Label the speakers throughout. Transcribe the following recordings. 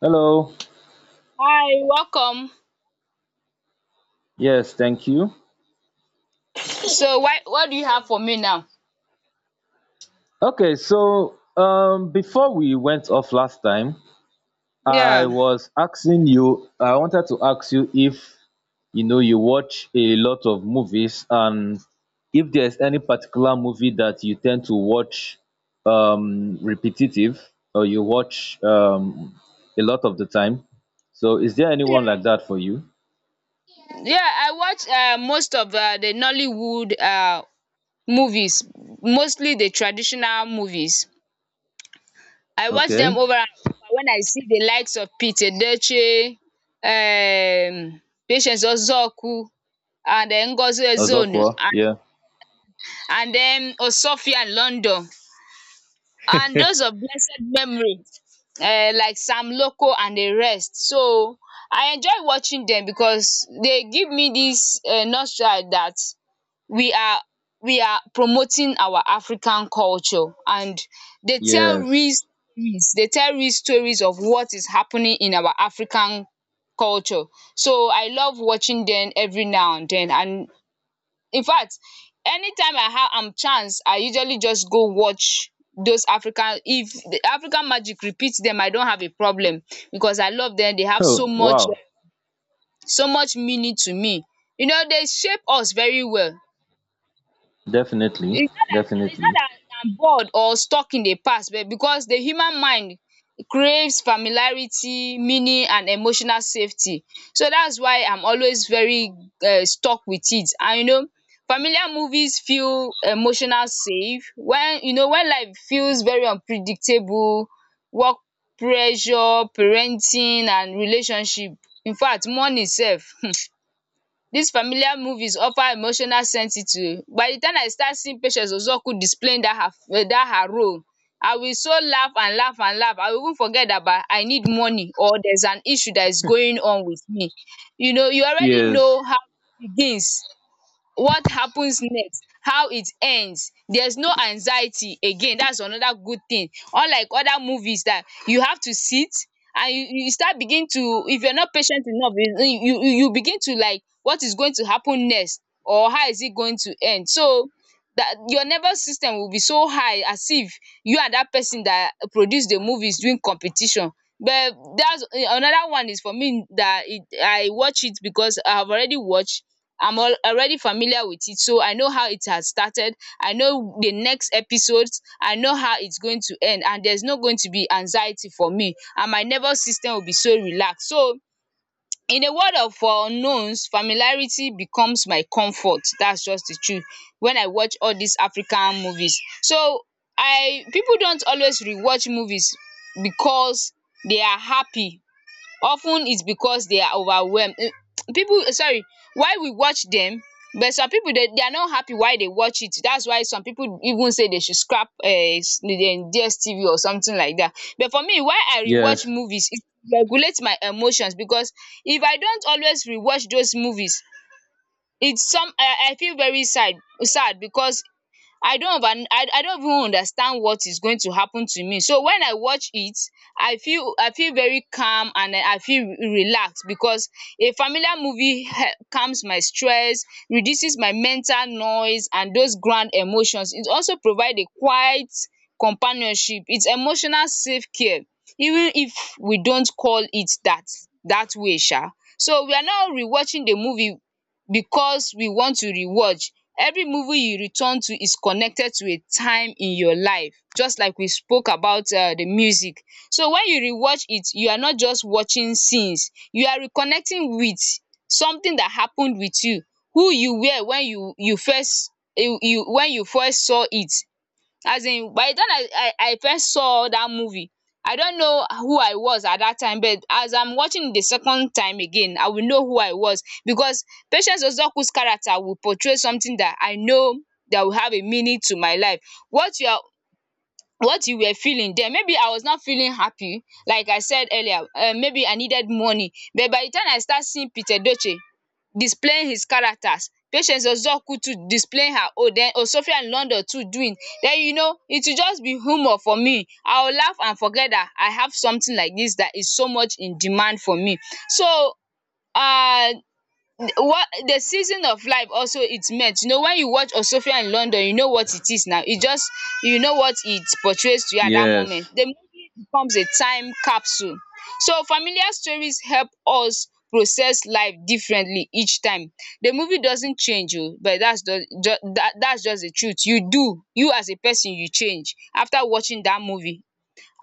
Speaker 1: Hello.
Speaker 2: Hi, welcome.
Speaker 1: Yes, thank you.
Speaker 2: So why what do you have for me now?
Speaker 1: Okay, so before we went off last time,
Speaker 2: Yeah.
Speaker 1: I wanted to ask you if you know you watch a lot of movies and if there's any particular movie that you tend to watch repetitive or you watch a lot of the time. So is there anyone like that for you?
Speaker 2: Yeah, I watch most of the Nollywood movies, mostly the traditional movies. I watch them
Speaker 1: Okay.
Speaker 2: over and over when I see the likes of Pete Edochie, um, Patience Ozoku, and then Ngozi Ezonu,
Speaker 1: Ozokwa,
Speaker 2: and,
Speaker 1: yeah.
Speaker 2: and then Osofian London, and those of blessed memory like Sam Loco and the rest. So I enjoy watching them because they give me this nostalgia that we are we are promoting our African culture, and they tell real
Speaker 1: Yes.
Speaker 2: stories they tell real stories of what is happening in our African culture. So I love watching them every now and then, and in fact, anytime I have am chance, I usually just go watch those African, if the African magic repeats them, I don't have a problem because I love them. They have so
Speaker 1: Oh,
Speaker 2: much
Speaker 1: wow.
Speaker 2: so much meaning to me. You know, they shape us very well.
Speaker 1: Definitely,
Speaker 2: It's not that it's
Speaker 1: definitely.
Speaker 2: not that I'm bored or stuck in the past, but because the human mind craves familiarity, meaning and emotional safety. So that's why I'm always very stuck with it, and you know familiar movies feel emotional safe when you know, when life feels very unpredictable, work pressure, parenting and relationship. In fact money sef These familiar movies offer emotional sentity o. By the time I start seeing Patience Ozuoku displaying that her role, I will so laugh and laugh and laugh. I will even forget about I need money or there's an issue that is going on with me. You know, you already
Speaker 1: Yes.
Speaker 2: know how it begins, what happens next, how it ends. There's no anxiety again. That's another good thing. Unlike other movies that you have to sit and you start begin to, if you're not patient enough, you begin to like what is going to happen next or how is it going to end. So that your nervous system will be so high as if you and that person that produce the movie is doing competition. But that's another one, is for me that it, I watch it because I've already watched, I'm already familiar with it. So I know how it has started. I know the next episodes. I know how it's going to end. And there's not going to be anxiety for me. And my nervous system will be so relaxed. So in a world of unknowns, familiarity becomes my comfort. That's just the truth. When I watch all these African movies. So I people don't always rewatch movies because they are happy, of ten it's because they are overwhelmed. Eh, people sorry, why we watch them, but some people they are not happy why they watch it, that's why some people even say they should scrap DSTV or something like that, but for me, why I rewatch
Speaker 1: Yes,
Speaker 2: movies, it regulates my emotions because if I don't always rewatch those movies, it's some I feel very sad because I don't even understand what is going to happen to me, so when I watch it, I feel very calm and I feel relaxed because a familiar movie hel calms my stress, reduces my mental noise and those grand emotions. It also provide a quiet companionship. It's emotional self care, even if we don't call it that way sha. So we are now rewatching the movie because we want to rewatch. Every movie you return to is connected to a time in your life, just like we spoke about the music. So when you rewatch it, you are not just watching scenes, you are reconnecting with something that happened with you, who you were when you first you you when you first saw it. As in, by the time I first saw that movie, I don't know who I was at that time, but as I'm watching the second time again, I will know who I was because Patience Ozuoku's character will portray something that I know, that will have a meaning to my life. What you are what you were feeling den, maybe I was not feeling happy like I said earlier, maybe I needed money, but by the time I start seeing Peter Edochie displaying his characters, Patience Ozuoku too displaying her own, den Osofiat London too doing, then you know it will just be humour for me. I will laugh and forget that I have something like this that is so much in demand for me. So uh. what the season of life also it meant, you know, when you watch Osofia in London, you know what it is now, it just, you know what it portrays to you at that moment,
Speaker 1: yes.
Speaker 2: the movie becomes a time capsule. So familiar stories help us process life differently each time. The movie doesn't change oo, but that's just, that's just the truth, you do, you as a person you change after watching that movie.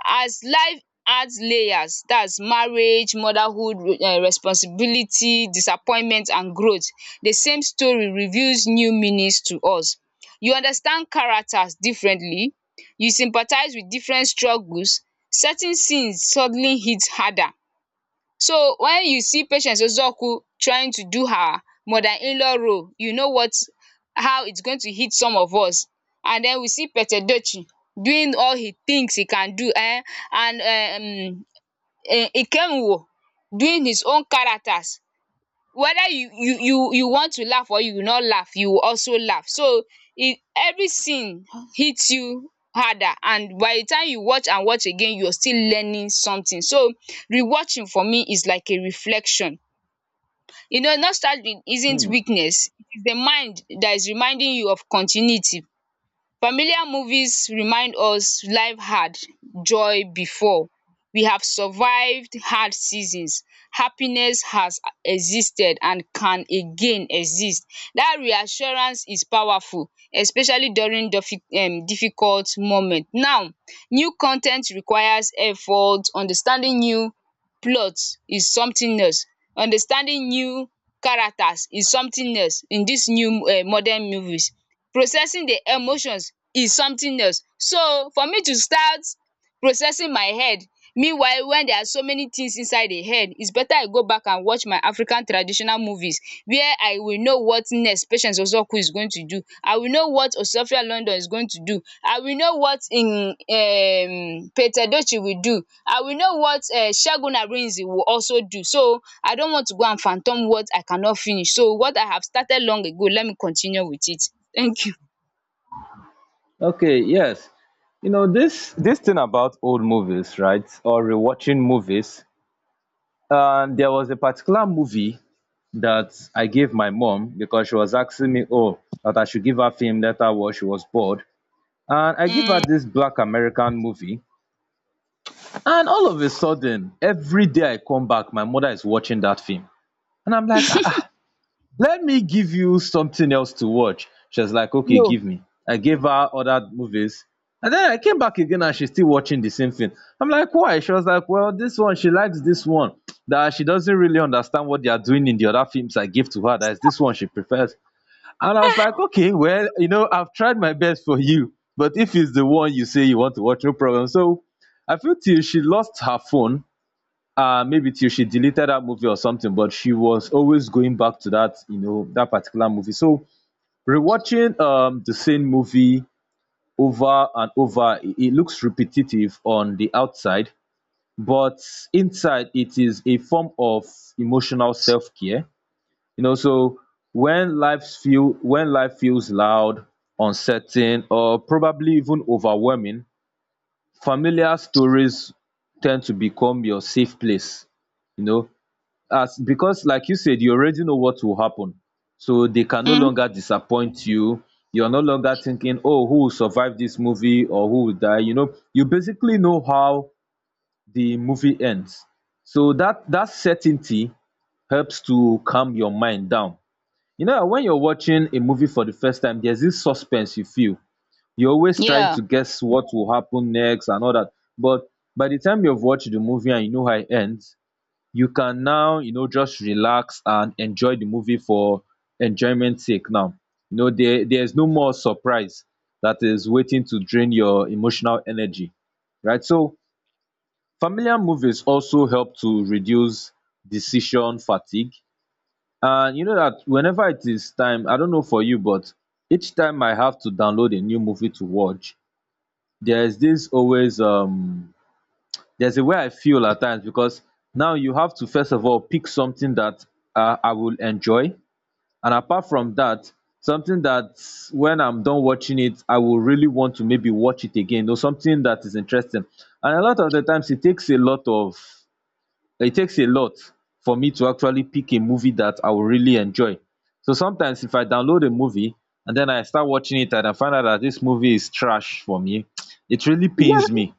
Speaker 2: As life adds layers, dats marriage, motherhood, responsibility, disappointment and growth, the same story reveals new meanings to us. You understand characters differently, you sympathize with different struggles, certain scenes suddenly hit harder. So when you see patient Ezeoku trying to do her mother-in-law role, you know what, how it's going to hit some of us. And then we see Pete Edochie doing all he thinks he can do, and Ikenwuru doing his own characters, whether you want to laugh or you not laugh, you will also laugh. So e every sin hits you harder, and by the time you watch and watch again, you are still learning something. So rewatching for me is like a reflection. You know, nostalgia isn't
Speaker 1: Hmm.
Speaker 2: weakness, it is the mind that is reminding you of continuity. Familiar movies remind us life had joy before, we have survived hard seasons, happiness has existed and can again exist. That reassurance is powerful, especially during difficult moment now. New con ten t requires effort. Understanding new plot is something else. Understanding new characters is something else in this new modern movies. Processing the emotions is something else. So for me to start processing my head, meanwhile when there are so many things inside the head, it's better I go back and watch my African traditional movies where I will know what next Patience Ozuoku is going to do. I will know what Osofia London is going to do. I will know what in Peter Edochie will do. I will know what Segun Arinze will also do. So I don't want to go and phantom what I cannot finish. So what I have started long ago, let me continue with it. Thank you.
Speaker 1: Okay, yes. You know, this thing about old movies, right? Or rewatching movies. There was a particular movie that I gave my mom because she was asking me, oh, that I should give her film that I was she was bored, and I gave
Speaker 2: Mm.
Speaker 1: her this black American movie, and all of a sudden, every day I come back, my mother is watching that film, and I'm like, ah, let me give you something else to watch. She was like, okay,
Speaker 2: No.
Speaker 1: give me. I gave her other movies, and then I came back again and she's still watching the same thing. I'm like, why? She was like, well, this one, she likes this one, that she doesn't really understand what they are doing in the other films I give to her, that is this one she prefers. And I was like, okay, well, you know, I've tried my best for you, but if it's the one you say you want to watch, no problem. So I feel till she lost her phone, uh, maybe till she deleted that movie or something, but she was always going back to that, you know, that particular movie. So rewatching the same movie over and over, it looks repetitive on the outside, but inside it is a form of emotional self-care, you know. So when life feel when life feels loud, uncertain, or probably even overwhelming, familiar stories tend to become your safe place, you know, as, because like you said, you already know what will happen, so they can no
Speaker 2: Mm,
Speaker 1: longer disappoint you. You're no longer thinking, oh, who will survive this movie or who will die. You know, you basically know how the movie ends. So that certainty helps to calm your mind down. You know, when you're watching a movie for the first time, there's this suspense you feel. You're always trying
Speaker 2: yeah.
Speaker 1: to guess what will happen next and all that. But by the time you've watched the movie and you know how it ends, you can now, you know, just relax and enjoy the movie for enjoyment sake now. You know, there's no more surprise that is waiting to drain your emotional energy, right? So familiar movies also help to reduce decision fatigue. And you know that whenever it is time, I don't know for you, but each time I have to download a new movie to watch, there's this always there's a way I feel at times, because now you have to first of all pick something that, I will enjoy, and apart from that, something that when I'm done watching it, I will really want to maybe watch it again, or something that is interesting. And a lot of the times, it takes a lot of, it takes a lot for me to actually pick a movie that I will really enjoy. So sometimes, if I download a movie and then I start watching it and I find out that this movie is trash for me, it really pains me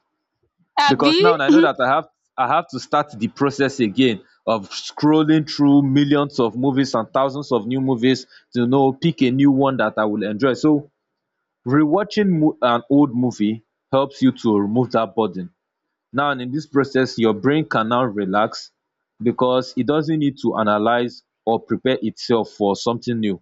Speaker 1: because
Speaker 2: Abby?
Speaker 1: now I know that I have to start the process again of scrolling through millions of movies and thousands of new movies to know pick a new one that I will enjoy. So rewatching an old movie helps you to remove that burden. Now in this process your brain can now relax because it doesn't need to analyze or prepare itself for something new.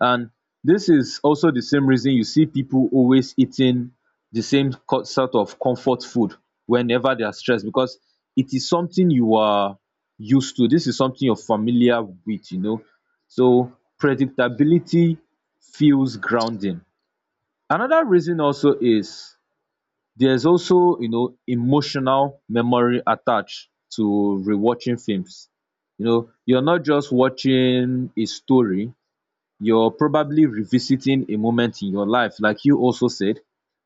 Speaker 1: And this is also the same reason you see people always eating the same sort of comfort food whenever they are stressed, because it is something you are used to, this is something you're familiar with, you know. So predictability feels grounding. Another reason also is there's also, you know, emotional memory attached to rewatching films. You know, you're not just watching a story, you're probably revisiting a moment in your life, like you also said.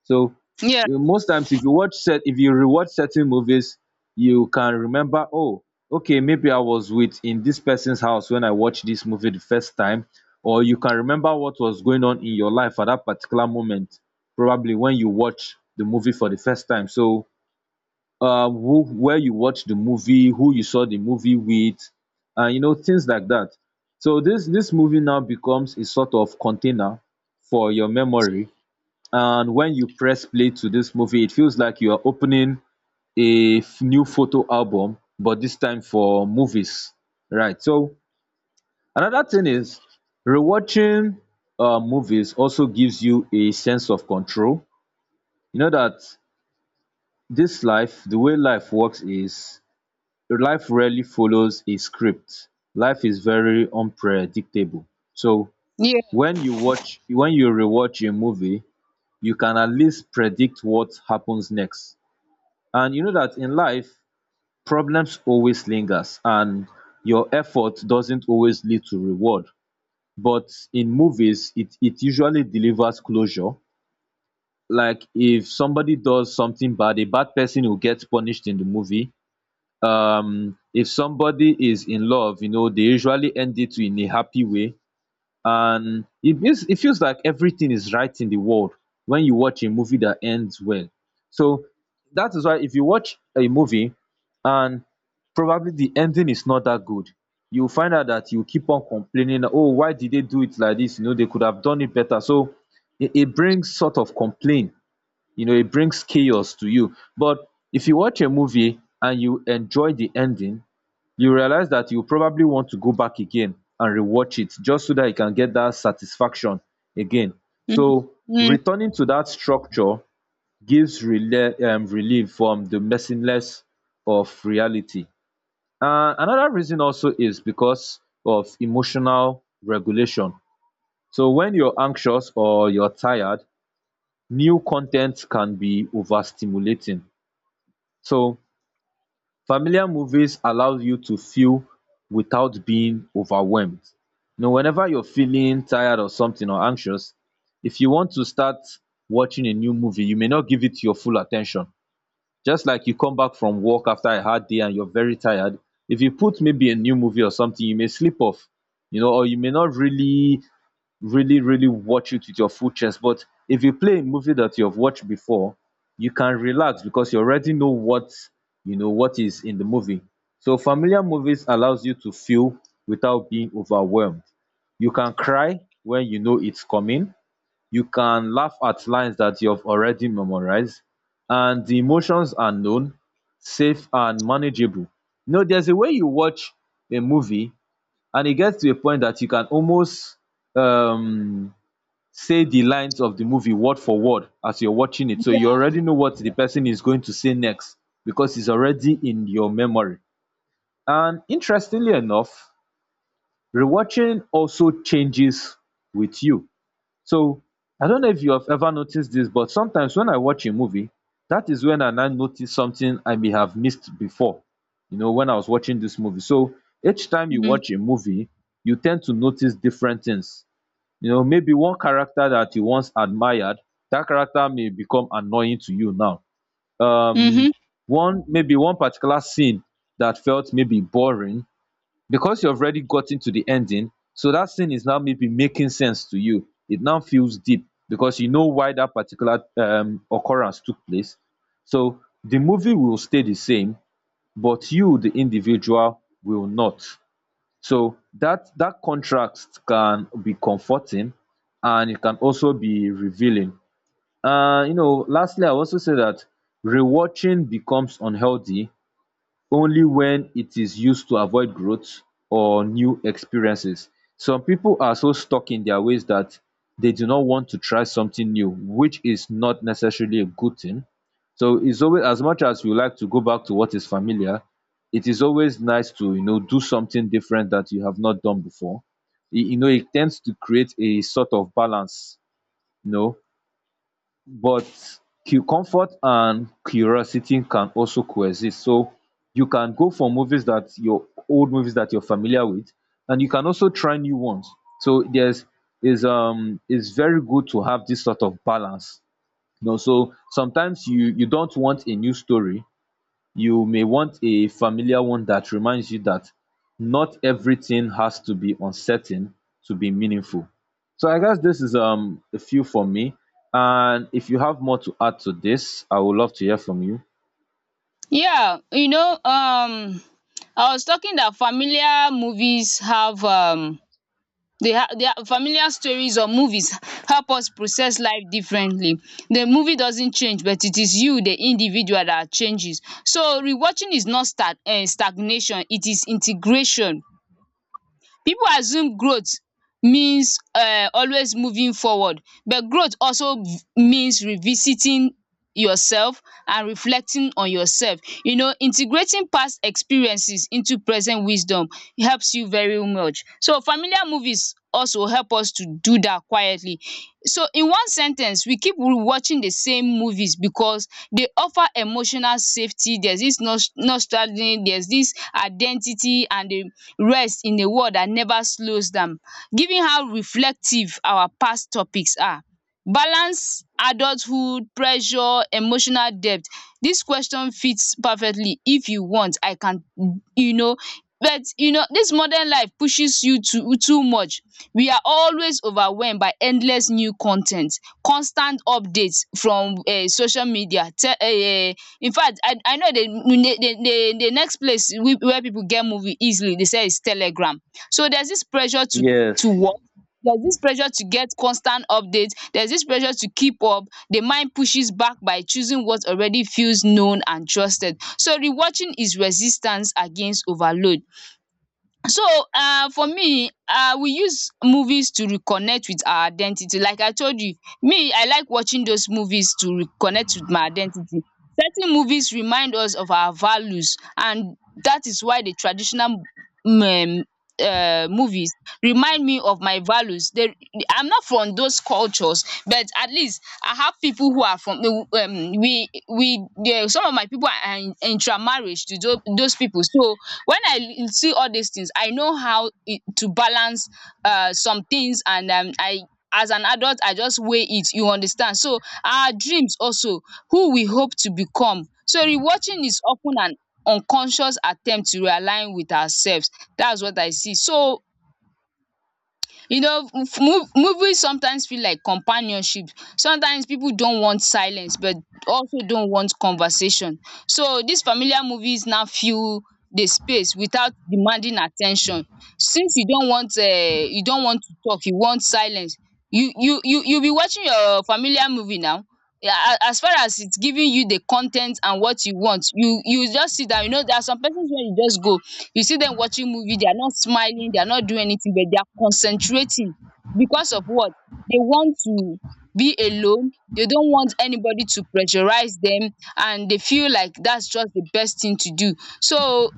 Speaker 1: So
Speaker 2: Yeah.
Speaker 1: you know, most times, if if you rewatch certain movies, you can remember, oh, okay, maybe I was with in this person's house when I watched this movie the first time, or you can remember what was going on in your life at that particular moment, probably when you watch the movie for the first time. So who, where you watch the movie, who you saw the movie with, and you know, things like that. So this movie now becomes a sort of container for your memory, and when you press play to this movie, it feels like you are opening a new photo album, but this time for movies, right? So another thing is rewatching, movies also gives you a sense of control. You know that this life, the way life works is, life rarely follows a script. Life is very unpredictable. So
Speaker 2: Yeah.
Speaker 1: when you watch when you rewatch a movie, you can at least predict what happens next. And you know that in life, problems always lingers, and your effort doesn't always lead to reward, but in movies it usually delivers closure. Like if somebody does something bad, a bad person will get punished in the movie. Um, if somebody is in love, you know, they usually end it in a happy way, and it feels like everything is right in the world when you watch a movie that ends well. So that is why if you watch a movie and probably the ending is not that good, you find out that you keep on complaining, oh, why did they do it like this, you know, they could have done it better. So it brings sort of complaint, you know, it brings chaos to you. But if you watch a movie and you enjoy the ending, you realize that you probably want to go back again and rewatch it just so that you can get that satisfaction again.
Speaker 2: Mm,
Speaker 1: So
Speaker 2: mm,
Speaker 1: returning to that structure gives relief from the messiness of reality. Uh, another reason also is because of emotional regulation. So when you're anxious or you're tired, new content can be overstimulating. So familiar movies allows you to feel without being overwhelmed. You know, whenever you're feeling tired or something or anxious, if you want to start watching a new movie, you may not give it your full attention. Just like you come back from work after a hard day and you're very tired, if you put maybe a new movie or something, you may sleep off, you know, or you may not really, really watch it with your full chest. But if you play a movie that you have watched before, you can relax because you know what is in the movie. So familiar movies allows you to feel without being overwhelmed. You can cry when you know it's coming. You can laugh at lines that you have already memorized, and the emotions are known, safe, and manageable. You know, there's a way you watch a movie, and it gets to a point that you can almost um say the lines of the movie word for word as you're watching it, so you already know what the person is going to say next because it's already in your memory. And interestingly enough, rewatching also changes with you. So I don't know if you have ever noticed this, but sometimes when I watch a movie, that is when I now notice something I may have missed before, you know, when I was watching this movie. So each time you
Speaker 2: mm,
Speaker 1: watch a movie, you tend to notice different things. You know, maybe one character that you once admired, that character may become annoying to you now. Um,
Speaker 2: mhm.
Speaker 1: one particular scene that felt maybe boring, because you've already gotten to the ending, so that scene is now maybe making sense to you, it now feels deep because you know why that particular occurrence took place. So the movie will stay the same, but you the individual will not. So that contrast can be comforting, and it can also be revealing. And you know, lastly, I also say that rewatching becomes unhealthy only when it is used to avoid growth or new experiences. Some people are so stuck in their ways that they do not want to try something new, which is not necessarily a good thing. So it's always, as much as you like to go back to what is familiar, it is always nice to do something different that you have not done before. It, you know it tends to create a sort of balance. you know but comfort and curiosity can also coexist. So you can go for movies that your old movies that you're familiar with, and you can also try new ones. So there's is it's very good to have this sort of balance. You know, so sometimes you don't want a new story, you may want a familiar one that reminds you that not everything has to be uncertain to be meaningful. So I guess this is a few for me. And if you have more to add to this, I would love to hear from you.
Speaker 2: Yeah. You know, I was talking that familiar movies have they have their familiar stories or movies help us process life differently. The movie doesn't change, but it is you, the individual, that changes. So rewatching is not stagnation, it is integration. People assume growth means always moving forward, but growth also means revisiting yourself and reflecting on yourself. You know, integrating past experiences into present wisdom helps you very much. So familiar movies also help us to do that quietly. So in one sen ten ce, we keep watching the same movies because they offer emotional safety, there's this nostalgia, there's this identity, and they rest in a world that never slows down. Given how reflective our past topics are, balance, adulthood, pressure, emotional depth, this question fits perfectly. If you want, I can, you know but you know this modern life pushes you to too much. We are always overwhelmed by endless new con ten t, constant updates from social media te in fact, I know the next place where people get movie easily, they say is telegram. So there's this pressure to
Speaker 1: Yes.
Speaker 2: work, there's this pressure to get constant updates, there's this pressure to keep up. The mind pushes back by choosing what already feels known and trusted, so rewatching is resistance against overload. So for me, we use movies to reconnect with our identity, like I told you, me I like watching those movies to reconnect with my identity. Certain movies remind us of our values, and that is why the traditional um um movies remind me of my values. They... I'm not from those cultures, but at least I have people who are from, we some of my people are in intermarriage to those people. So when I see all these things, I know how to balance some things, and I as an adult I just weigh it, you understand. So our dreams also, who we hope to become, so rewatching is often an unconscious attempt to realign with ourselves. That's what I see. So movies sometimes feel like companionship. Sometimes people don't want silence, but also don't want conversation. So these familiar movies now fill the space without demanding attention. Since you don't want, you don't want to talk, you want silence, you be watching your familiar movie now. Yeah, as far as it's giving you the con and what you want, you just sit down. You know, there are some persons where you just go, you see them watching movie, they are not smiling, they are not doing anything, but they are concentrating. Because of what? They want to be alone. They don't want anybody to pressurize them, and they feel like that's just the best thing to do. So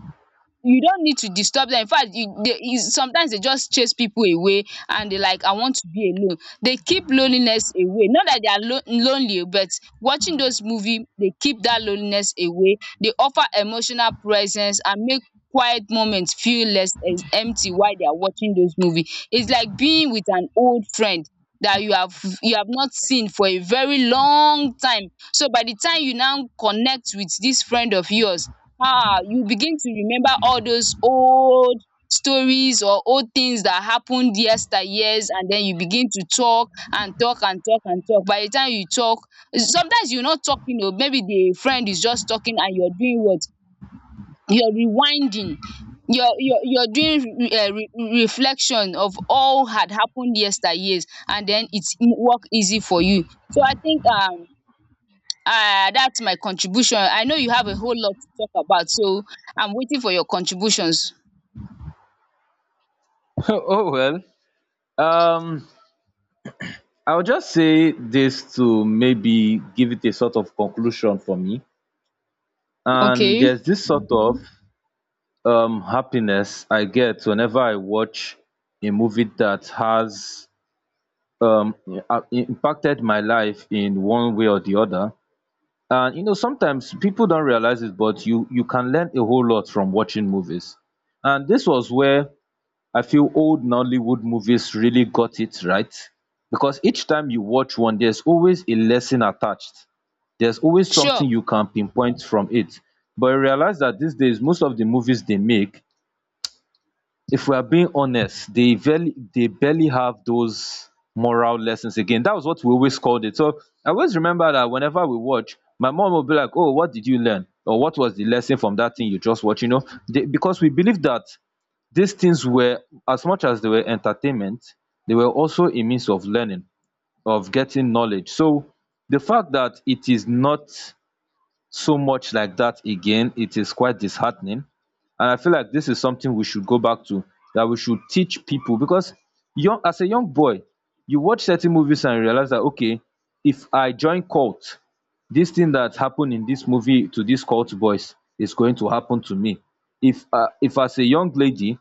Speaker 2: you don't need to disturb them. In fact, you, they, you, sometimes they just chase people away and they like, I want to be alone. They keep loneliness away. Not that they are lonely, but watching those movies, they keep that loneliness away. They offer emotional presence and make quiet moments feel less empty while they are watching those movies. It's like being with an old friend that you have not seen for a very long time. So by the time you now connect with this friend of yours, ah, you begin to remember all those old stories or old things that happened yesteryears, and then you begin to talk and talk and talk and talk. By the time you talk, sometimes you are not talking, o maybe the friend is just talking, and you're doing what? You're rewinding, you're doing re re reflection of all had happened yesteryears, and then it's work easy for you. So I think ah, that's my contribution. I know you have a whole lot to talk about, so I'm waiting for your contributions.
Speaker 1: Oh well. Um I'll just say this to maybe give it a sort of conclusion for me. And
Speaker 2: Okay,
Speaker 1: there's this sort of happiness I get whenever I watch a movie that has um, impacted my life in one way or the other. And you know, sometimes people don't realize it, but you can learn a whole lot from watching movies. And this was where I feel old Nollywood movies really got it right, because each time you watch one, there's always a lesson attached. There's always
Speaker 2: sure.
Speaker 1: something you can pinpoint from it. But I realize that these days, most of the movies they make, if we are being honest, they barely have those moral lessons again. That was what we always called it. So I always remember that whenever we watch, my mom will be like, "Oh, what did you learn? Or what was the lesson from that thing you just watched?" You know, they, because we believe that these things were, as much as they were entertainment, they were also a means of learning, of getting knowledge. So the fact that it is not so much like that again, it is quite disheartening. And I feel like this is something we should go back to, that we should teach people, because young as a young boy, you watch certain movies and realize that, okay, if I join cult, this thing that happened in this movie to these cult boys is going to happen to me. If as a young lady,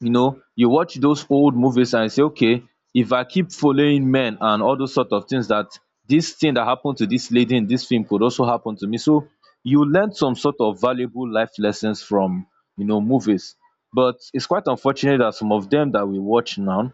Speaker 1: you know, you watch those old movies and say, okay, if I keep following men and all those sort of things, that this thing that happened to this lady in this film could also happen to me. So you learn some sort of valuable life lessons from, you know, movies. But it's quite unfortunate that some of them that we watch now,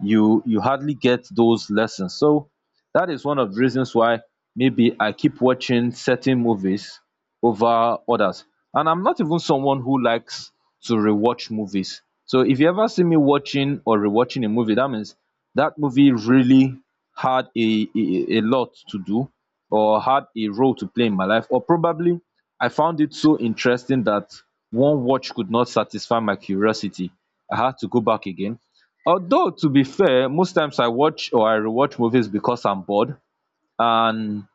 Speaker 1: you hardly get those lessons. So that is one of the reasons why maybe I keep watching certain movies over others. And I'm not even someone who likes to rewatch movies, so if you ever see me watching or rewatching a movie, that means that movie really had a lot to do or had a role to play in my life, or probably I found it so interesting that one watch could not satisfy my curiosity, I had to go back again. Although, to be fair, most times I watch or I rewatch movies because I'm bored, and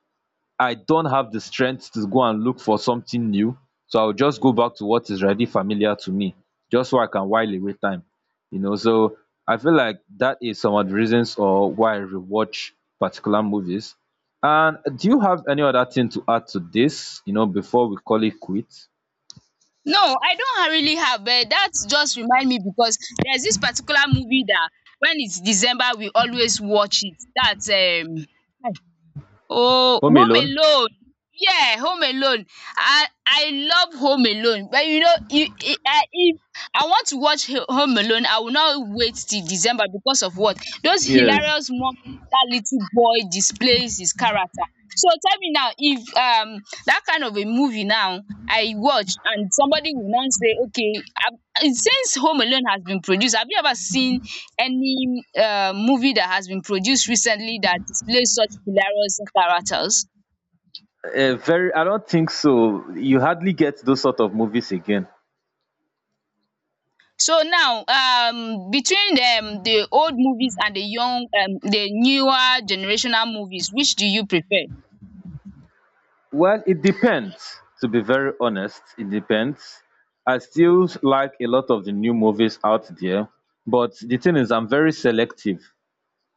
Speaker 1: I don't have the strength to go and look for something new. So I'll just go back to what is already familiar to me, just so I can while away time. You know, so I feel like that is some of the reasons or why I rewatch particular movies. And do you have any other thing to add to this, you know, before we call it quit?
Speaker 2: No, I don't really have, but that just remind me, because there's this particular movie that when it's December we always watch it. That's oh,
Speaker 1: Home
Speaker 2: Home
Speaker 1: Alone?
Speaker 2: Alone. Yeah, Home Alone. I love Home Alone, but you know, if I want to watch Ho Home Alone, I will not wait till December, because of what? Those
Speaker 1: Yes.
Speaker 2: hilarious moments that little boy displays his character. So tell me now, if that kind of a movie now I watch, and somebody will now say, okay, um since Home Alone has been produced, have you ever seen any movie that has been produced recently that displays such hilarious characters?
Speaker 1: Very. I don't think so. You hardly get those sort of movies again.
Speaker 2: So now, between the old movies and the young, the newer generational movies, which do you prefer?
Speaker 1: Well, it depends. To be very honest, it depends. I still like a lot of the new movies out there, but the thing is, I'm very selective.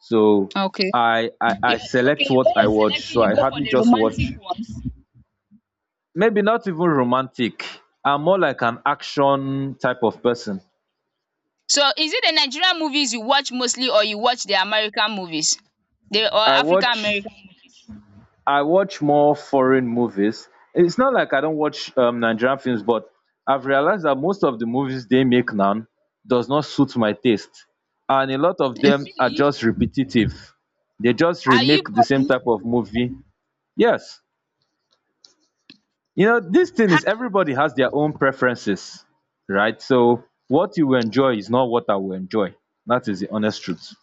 Speaker 1: So
Speaker 2: Okay.
Speaker 1: I I,
Speaker 2: Yeah,
Speaker 1: I select
Speaker 2: okay,
Speaker 1: what
Speaker 2: when
Speaker 1: I
Speaker 2: you're
Speaker 1: watch.
Speaker 2: selecting,
Speaker 1: So
Speaker 2: you
Speaker 1: I
Speaker 2: go for
Speaker 1: hardly
Speaker 2: the
Speaker 1: just watch.
Speaker 2: romantic ones.
Speaker 1: Maybe not even romantic. I'm more like an action type of person.
Speaker 2: So is it the Nigerian movies you watch mostly, or you watch the American movies, the or
Speaker 1: I
Speaker 2: African
Speaker 1: watch
Speaker 2: American?
Speaker 1: I watch more foreign movies. It's not like I don't watch Nigerian films, but I've realized that most of the movies they make now does not suit my taste, and a lot of
Speaker 2: Movies?
Speaker 1: them are
Speaker 2: Really?
Speaker 1: just repetitive. They just
Speaker 2: Are you
Speaker 1: remake the
Speaker 2: for
Speaker 1: same
Speaker 2: me?
Speaker 1: type of movie. Yes, you know, this thing is everybody has their own preferences, right? So what you will enjoy is not what I will enjoy. That is the honest truth.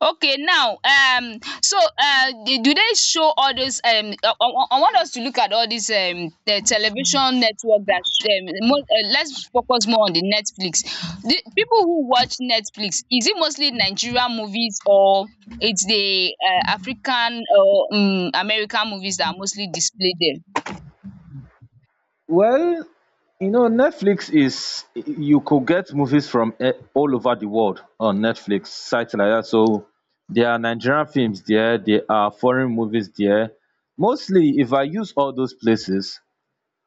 Speaker 2: Okay, now so do they show all those I, I want us to look at all these the television network that let's focus more on the Netflix. The people who watch Netflix, is it mostly Nigerian movies, or it's the African or American movies that are mostly displayed there?
Speaker 1: Well, you know, Netflix is, you could get movies from eh, all over the world on Netflix sites like that. So there are Nigerian films there, there are foreign movies there. Mostly, if I use all those places,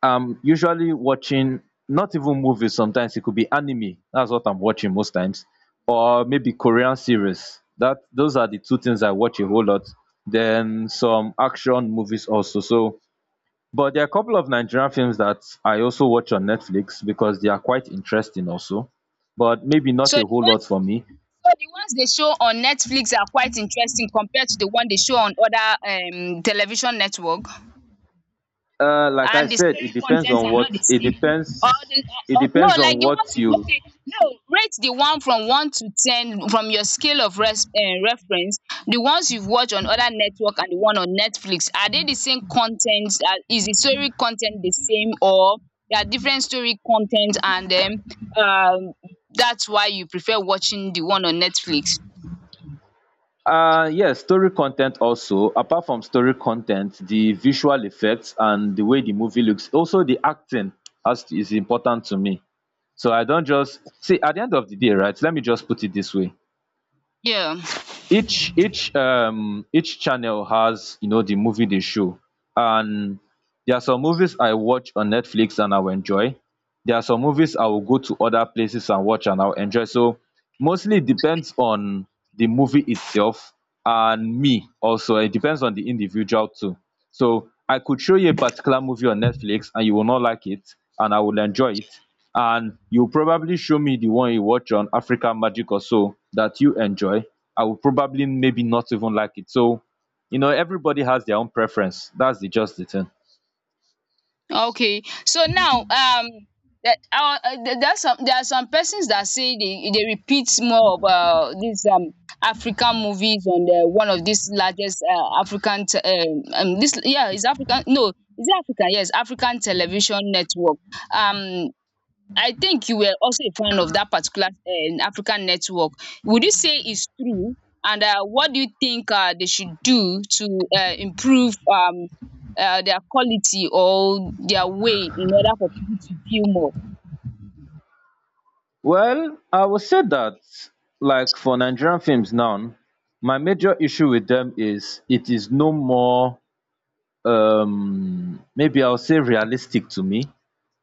Speaker 1: I'm usually watching not even movies. Sometimes it could be anime. That's what I'm watching most times, or maybe Korean series. That those are the two things I watch a whole lot. Then some action movies also. So but there are a couple of Nigerian films that I also watch on Netflix because they are quite interesting also, but maybe not
Speaker 2: So the
Speaker 1: a whole lot
Speaker 2: ones,
Speaker 1: for me.
Speaker 2: so the ones they show on Netflix are quite interesting compared to the one they show on other television network.
Speaker 1: Like I
Speaker 2: And the
Speaker 1: said,
Speaker 2: story
Speaker 1: it depends
Speaker 2: contents
Speaker 1: on
Speaker 2: are not the
Speaker 1: what, it
Speaker 2: same, or
Speaker 1: depends.
Speaker 2: the
Speaker 1: It
Speaker 2: no,
Speaker 1: depends
Speaker 2: like
Speaker 1: on
Speaker 2: the ones
Speaker 1: what
Speaker 2: you,
Speaker 1: you.
Speaker 2: okay, no, rate the one from one to ten, from your scale of res reference, the ones you've watched on other network and the one on Netflix, are they the same content? Is the story content the same, or there are different story content, and then um that's why you prefer watching the one on Netflix?
Speaker 1: Yes, story content also. Apart from story content, the visual effects and the way the movie looks, also the acting is important to me. So I don't just see, at the end of the day, right? Let me just put it this way:
Speaker 2: Yeah.
Speaker 1: each channel has, you know, the movie they show, and there are some movies I watch on Netflix and I will enjoy, there are some movies I will go to other places and watch and I will enjoy. So mostly it depends on the movie itself, and me also, it depends on the individual too. So I could show you a particular movie on Netflix and you will not like it and I will enjoy it, and you probably show me the one you watch on African Magic or so that you enjoy, I will probably maybe not even like it. So you know, everybody has their own preference, that's the just the thing.
Speaker 2: Okay. So now that our there's some, there are some persons that say they repeat more of these African movies on the one of these largest African this, yeah, is African, no, is it African, yes, African television network, um I think you were also a fan of that particular African network. Would you say it's true? And what do you think they should do to improve their quality or their way in order for people to view more?
Speaker 1: Well, I would say that, like for Nigerian films now, my major issue with them is it is no more, maybe I'll say realistic to me.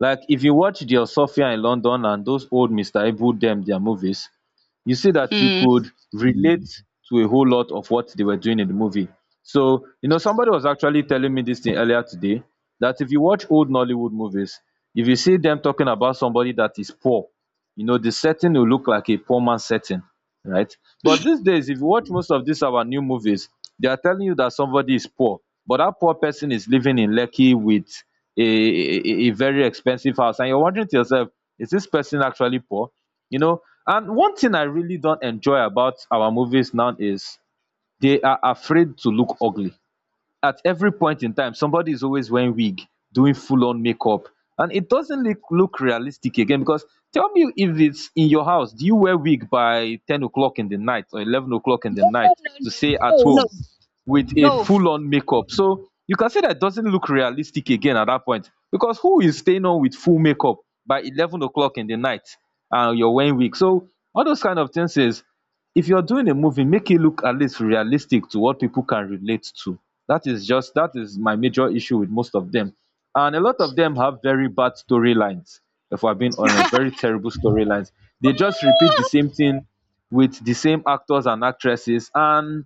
Speaker 1: Like if you watch the Osofia in London and those old Mr. Ibu them, their movies, you see that you
Speaker 2: Mm.
Speaker 1: could relate to a whole lot of what they were doing in the movie. So, you know, somebody was actually telling me this thing earlier today that if you watch old Nollywood movies, if you see them talking about somebody that is poor, you know, the setting will look like a poor man's setting, right? But these days, if you watch most of these our new movies, they are telling you that somebody is poor, but that poor person is living in Lekki with a very expensive house, and you're wondering to yourself, is this person actually poor? You know. And one thing I really don't enjoy about our movies now is they are afraid to look ugly. At every point in time, somebody is always wearing wig, doing full on makeup, and it doesn't look realistic again. Because tell me, if it's in your house, do you wear wig by 10 o'clock in the night or 11 o'clock in the
Speaker 2: No, no,
Speaker 1: night
Speaker 2: no,
Speaker 1: to
Speaker 2: no,
Speaker 1: stay at
Speaker 2: no, no,
Speaker 1: home with a
Speaker 2: no.
Speaker 1: full-on makeup? So you can say that doesn't look realistic again at that point, because who is staying on with full makeup by 11 oclock in the night and you're wearing wig? So all those kind of things is, if you're doing a movie, make it look at least realistic to what people can relate to. That is just, that is my major issue with most of them. And a lot of them have very bad storylines, if I'm being honest. Very terrible storylines. They just repeat the same thing with the same actors and actresses. And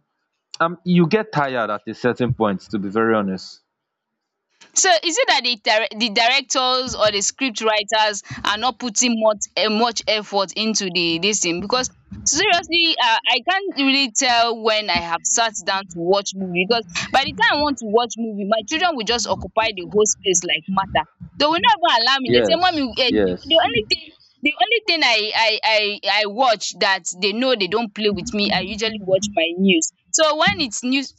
Speaker 1: you get tired at a certain point, to be very honest.
Speaker 2: So is it that the direc the directors or the scriptwriters are not putting much much effort into the this thing? Because seriously, I can't really tell when I have sat down to watch movie, because by the time I want to watch movie, my children will just occupy the whole space like matter. They will not even allow me, they say, mummy,
Speaker 1: Yes,
Speaker 2: the
Speaker 1: yes.
Speaker 2: only thing, the only thing I watch that they know they don't play with me, I usually watch my news. So when it's news